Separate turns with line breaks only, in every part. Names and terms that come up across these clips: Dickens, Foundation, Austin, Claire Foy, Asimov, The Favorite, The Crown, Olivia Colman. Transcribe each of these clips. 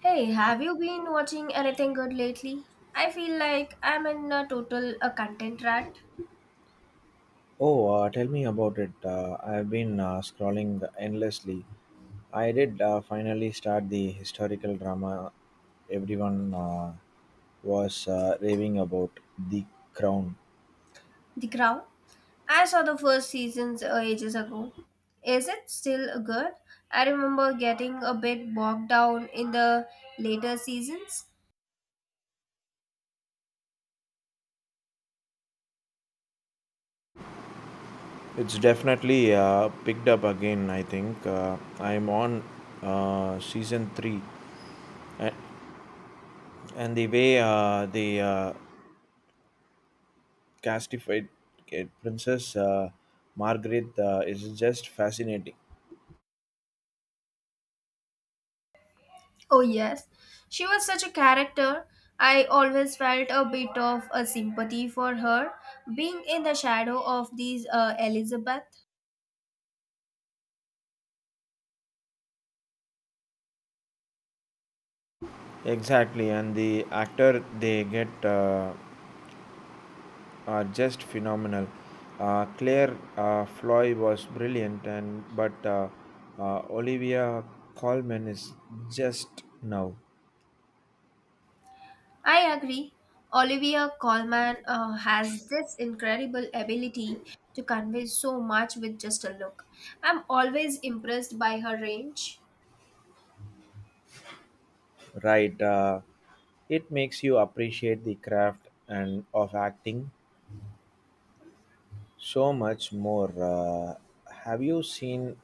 Hey, have you been watching anything good lately? I feel like I'm in a total a content rat.
Oh, Tell me about it. I've been scrolling endlessly. I did finally start the historical drama everyone was raving about, The Crown.
The Crown. I saw the first seasons ages ago. Is it still good? I remember getting a bit bogged down in the later seasons.
It's definitely picked up again, I think. I'm on season 3. A- And the way they castified Princess Margaret is just fascinating.
Oh yes, she was such a character. I always felt a bit of a sympathy for her being in the shadow of these Elizabeth.
Exactly, and the actor they get are just phenomenal. Claire Floy was brilliant, and but Olivia Colman is just now
I agree. Olivia Colman has this incredible ability to convey so much with just a look. I'm always impressed by her range.
right. It makes you appreciate the craft and of acting so much more. Have you seen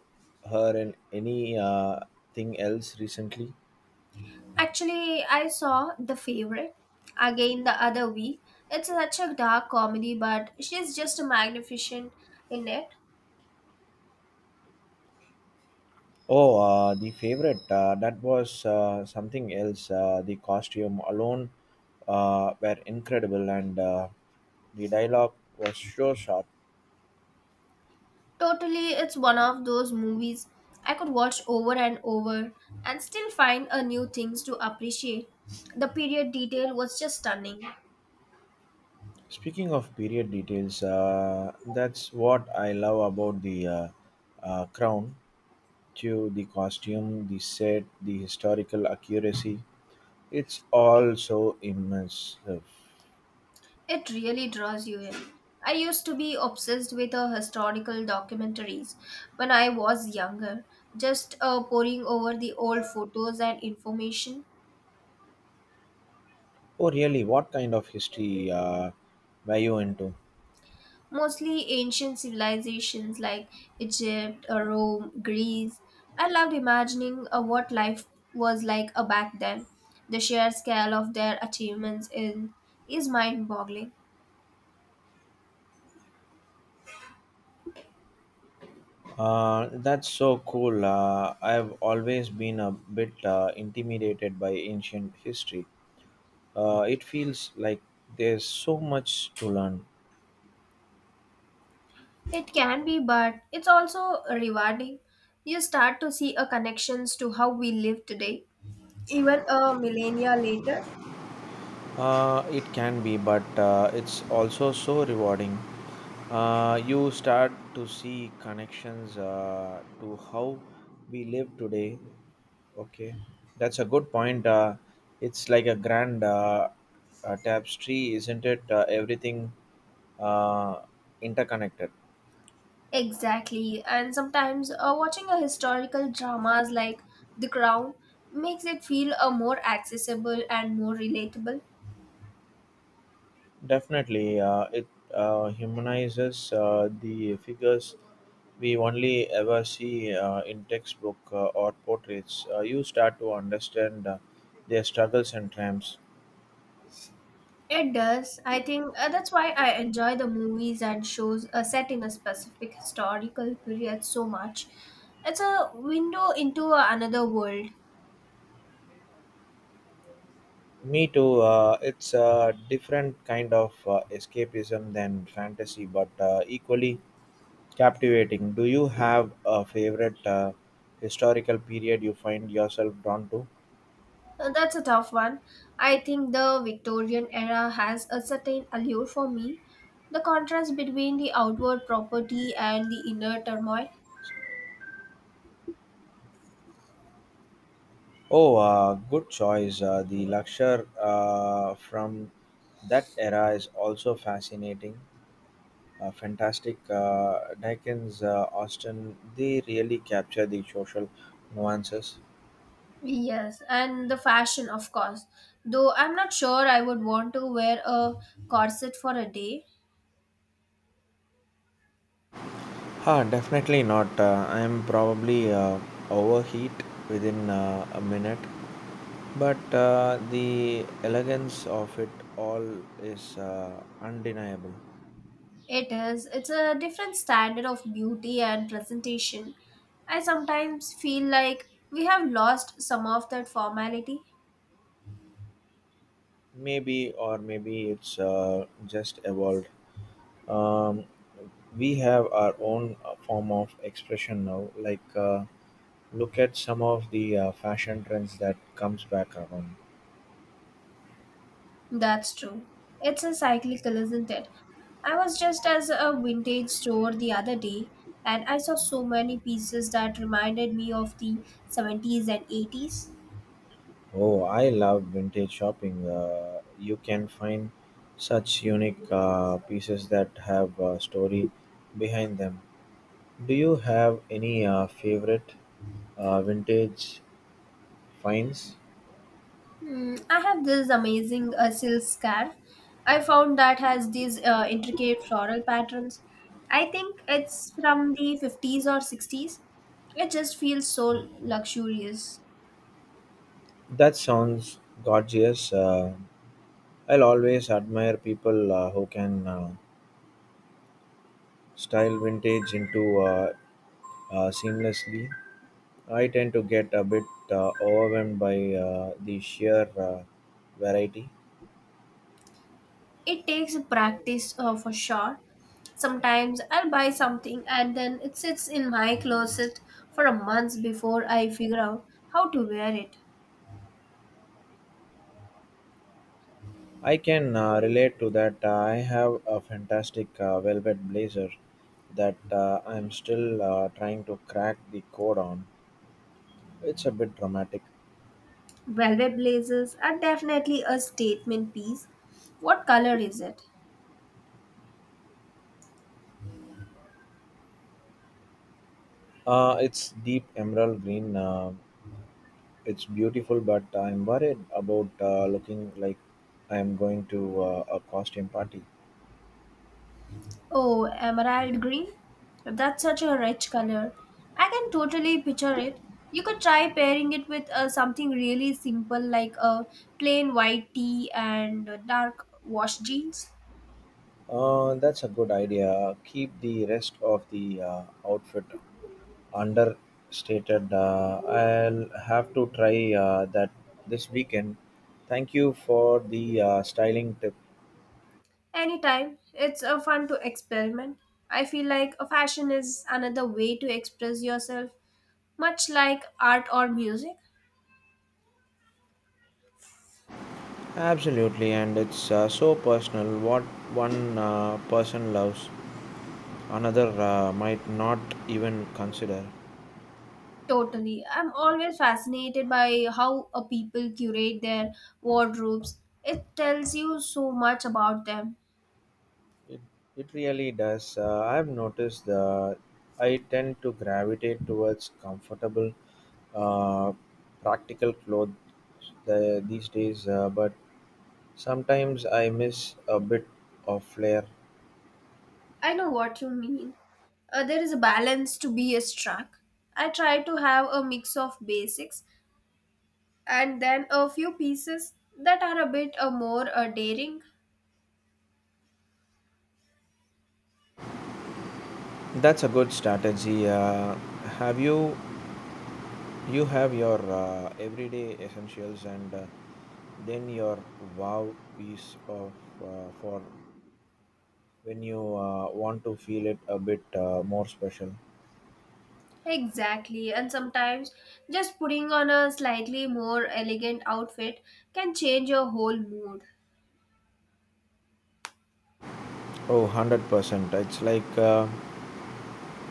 her in any thing else recently?
Actually, I saw The Favorite again the other week. It's such a dark comedy, but she's just magnificent in it.
Oh, the favorite. That was something else. The costume alone were incredible, and the dialogue was so sharp.
Totally, it's one of those movies I could watch over and over and still find a new things to appreciate. The period detail was just stunning.
Speaking of period details, that's what I love about the crown. To the costume, the set, the historical accuracy. It's all so immersive.
It really draws you in. I used to be obsessed with historical documentaries when I was younger, just poring over the old photos and information,
Oh, really? What kind of history were you into?
mostly ancient civilizations like Egypt, Rome, Greece. I loved imagining what life was like back then. The sheer scale of their achievements in, is mind boggling.
That's so cool. I've always been a bit intimidated by ancient history. It feels like there's so much to learn.
It can be, but it's also rewarding. You start to see a connections to how we live today, even a millennia later.
It can be, but it's also so rewarding. You start to see connections to how we live today. Okay, that's a good point. It's like a grand tapestry, isn't it? Everything uh, interconnected.
Exactly, and sometimes watching a historical dramas like The Crown makes it feel more accessible and more relatable.
Definitely, it humanizes the figures we only ever see in textbook or portraits. You start to understand their struggles and triumphs.
It does. I think that's why I enjoy the movies and shows set in a specific historical period so much. It's a window into another world.
Me too. It's a different kind of escapism than fantasy, but equally captivating. Do you have a favorite historical period you find yourself drawn to?
That's a tough one. I think the Victorian era has a certain allure for me. The contrast between the outward property and the inner turmoil.
Oh, Good choice. The lecture from that era is also fascinating. Fantastic. Dickens, Austin, they really capture the social nuances.
Yes, and the fashion, of course. Though I'm not sure I would want to wear a corset for a day.
Ah, definitely not. I am probably overheat within a minute, but the elegance of it all is undeniable.
It is. It's a different standard of beauty and presentation. I sometimes feel like we have lost some of that formality.
Maybe, or maybe it's just evolved. Um, We have our own form of expression now. Like, look at some of the fashion trends that comes back around.
That's true. It's a cyclical, isn't it? I was just as a vintage store the other day and I saw so many pieces that reminded me of the 70s and 80s.
Oh, I love vintage shopping. You can find such unique pieces that have a story behind them. Do you have any favorite vintage finds?
Hmm, I have this amazing silk scarf I found that has these intricate floral patterns. I think it's from the 50s or 60s. It just feels so luxurious.
That sounds gorgeous. I'll always admire people who can style vintage into seamlessly. I tend to get a bit overwhelmed by the sheer variety.
It takes practice for sure. Sometimes I'll buy something and then it sits in my closet for a month before I figure out how to wear it.
I can relate to that. I have a fantastic velvet blazer that I'm still trying to crack the code on. It's a bit dramatic.
Velvet blazers are definitely a statement piece. What color is it?
It's deep emerald green. It's beautiful, but I'm worried about looking like I'm going to a costume party.
Oh, emerald green? That's such a rich color. I can totally picture it. You could try pairing it with something really simple like a plain white tee and dark wash jeans.
That's a good idea. Keep the rest of the outfit understated. I'll have to try that this weekend. Thank you for the styling tip.
Anytime. It's a fun to experiment. I feel like a fashion is another way to express yourself, much like art or music.
Absolutely, and it's so personal. What one person loves, another might not even consider.
Totally. I'm always fascinated by how a people curate their wardrobes. It tells you so much about them.
It, it really does. I've noticed that I tend to gravitate towards comfortable, uh, practical clothes these days, but sometimes I miss a bit of flair.
I know what you mean. There is a balance to be struck. I try to have a mix of basics and then a few pieces that are a bit more daring.
That's a good strategy. Have you have your everyday essentials and then your wow piece of for when you want to feel it a bit more special.
Exactly, and sometimes just putting on a slightly more elegant outfit can change your whole mood.
Oh, 100%. It's like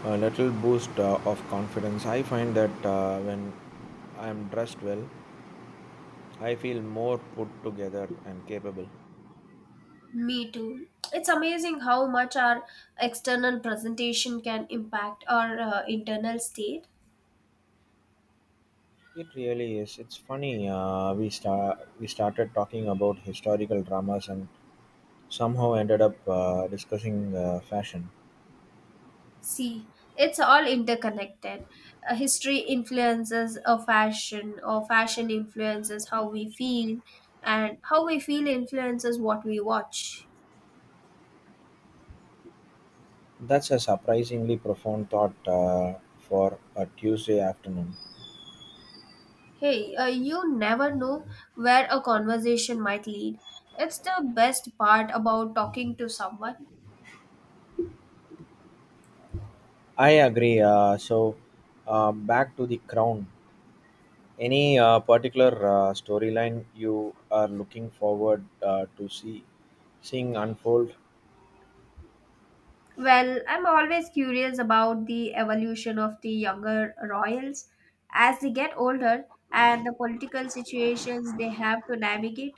a little boost of confidence. I find that when I'm dressed well, I feel more put together and capable.
Me too. It's amazing how much our external presentation can impact our internal state.
It really is. It's funny. We started talking about historical dramas and somehow ended up discussing fashion.
See, it's all interconnected. History influences a fashion, or fashion influences how we feel, and how we feel influences what we watch.
That's a surprisingly profound thought for a Tuesday afternoon.
Hey, you never know where a conversation might lead. It's the best part about talking to someone.
I agree. So, back to the crown. Any particular storyline you are looking forward to seeing unfold?
Well, I'm always curious about the evolution of the younger royals as they get older and the political situations they have to navigate.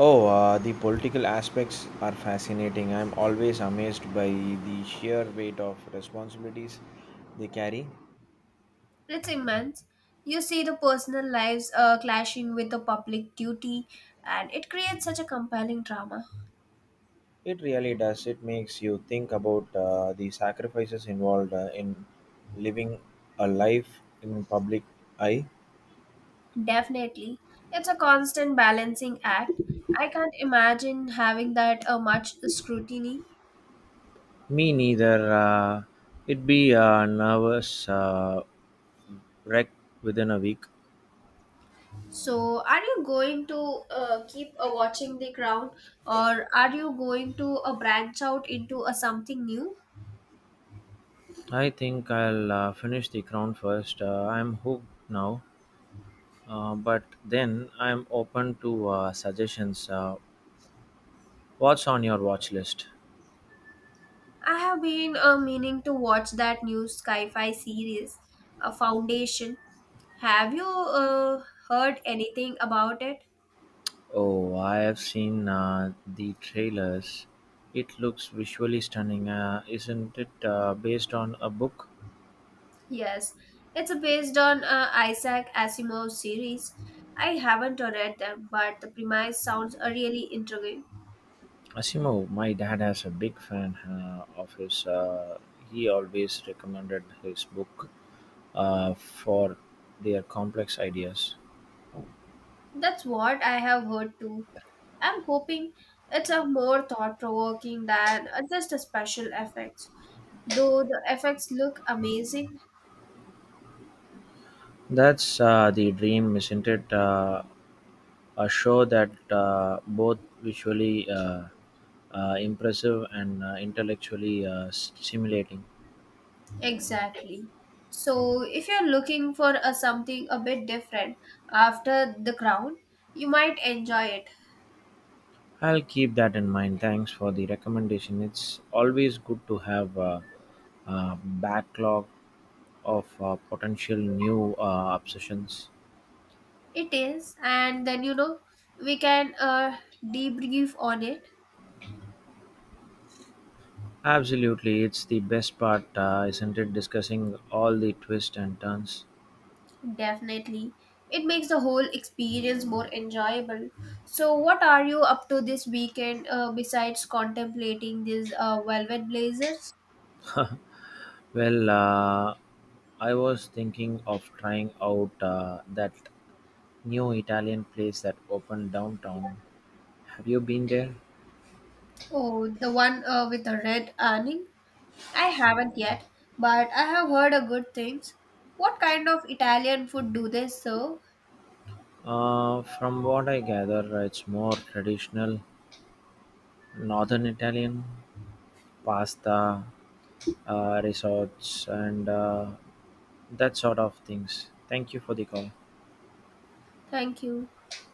Oh, the political aspects are fascinating. I'm always amazed by the sheer weight of responsibilities they carry.
It's immense. You see the personal lives clashing with the public duty, and it creates such a compelling drama.
It really does. It makes you think about the sacrifices involved in living a life in public eye.
Definitely. It's a constant balancing act. I can't imagine having that much scrutiny.
Me neither. It'd be a nervous wreck within a week.
So, are you going to keep watching The Crown, or are you going to branch out into something new?
I think I'll finish The Crown first. I'm hooked now, but then I'm open to suggestions. What's on your watch list?
I have been meaning to watch that new sci fi series, Foundation. Have you heard anything about it?
Oh, I have seen the trailers. It looks visually stunning, isn't it? Based on a book.
Yes, it's based on Isaac Asimov's series. I haven't read them, but the premise sounds really intriguing.
Asimov, my dad has a big fan of his. He always recommended his book for their complex ideas.
That's what I have heard too. I'm hoping it's a more thought-provoking than just a special effects, though the effects look amazing.
That's the dream, isn't it? A show that both visually impressive and intellectually stimulating.
Exactly. So, if you're looking for something a bit different after The Crown, you might enjoy it.
I'll keep that in mind. Thanks for the recommendation. It's always good to have a backlog of potential new obsessions.
It is, and then you know, we can debrief on it.
Absolutely, it's the best part, isn't it? Discussing all the twists and turns.
Definitely. It makes the whole experience more enjoyable. So, what are you up to this weekend besides contemplating these velvet blazers?
Well, I was thinking of trying out that new Italian place that opened downtown. Have you been there?
Oh, the one with the red awning? I haven't yet, but I have heard a good things. What kind of Italian food do they serve?
From what I gather, it's more traditional northern Italian pasta, resorts, and that sort of things. Thank you for the call.
Thank you.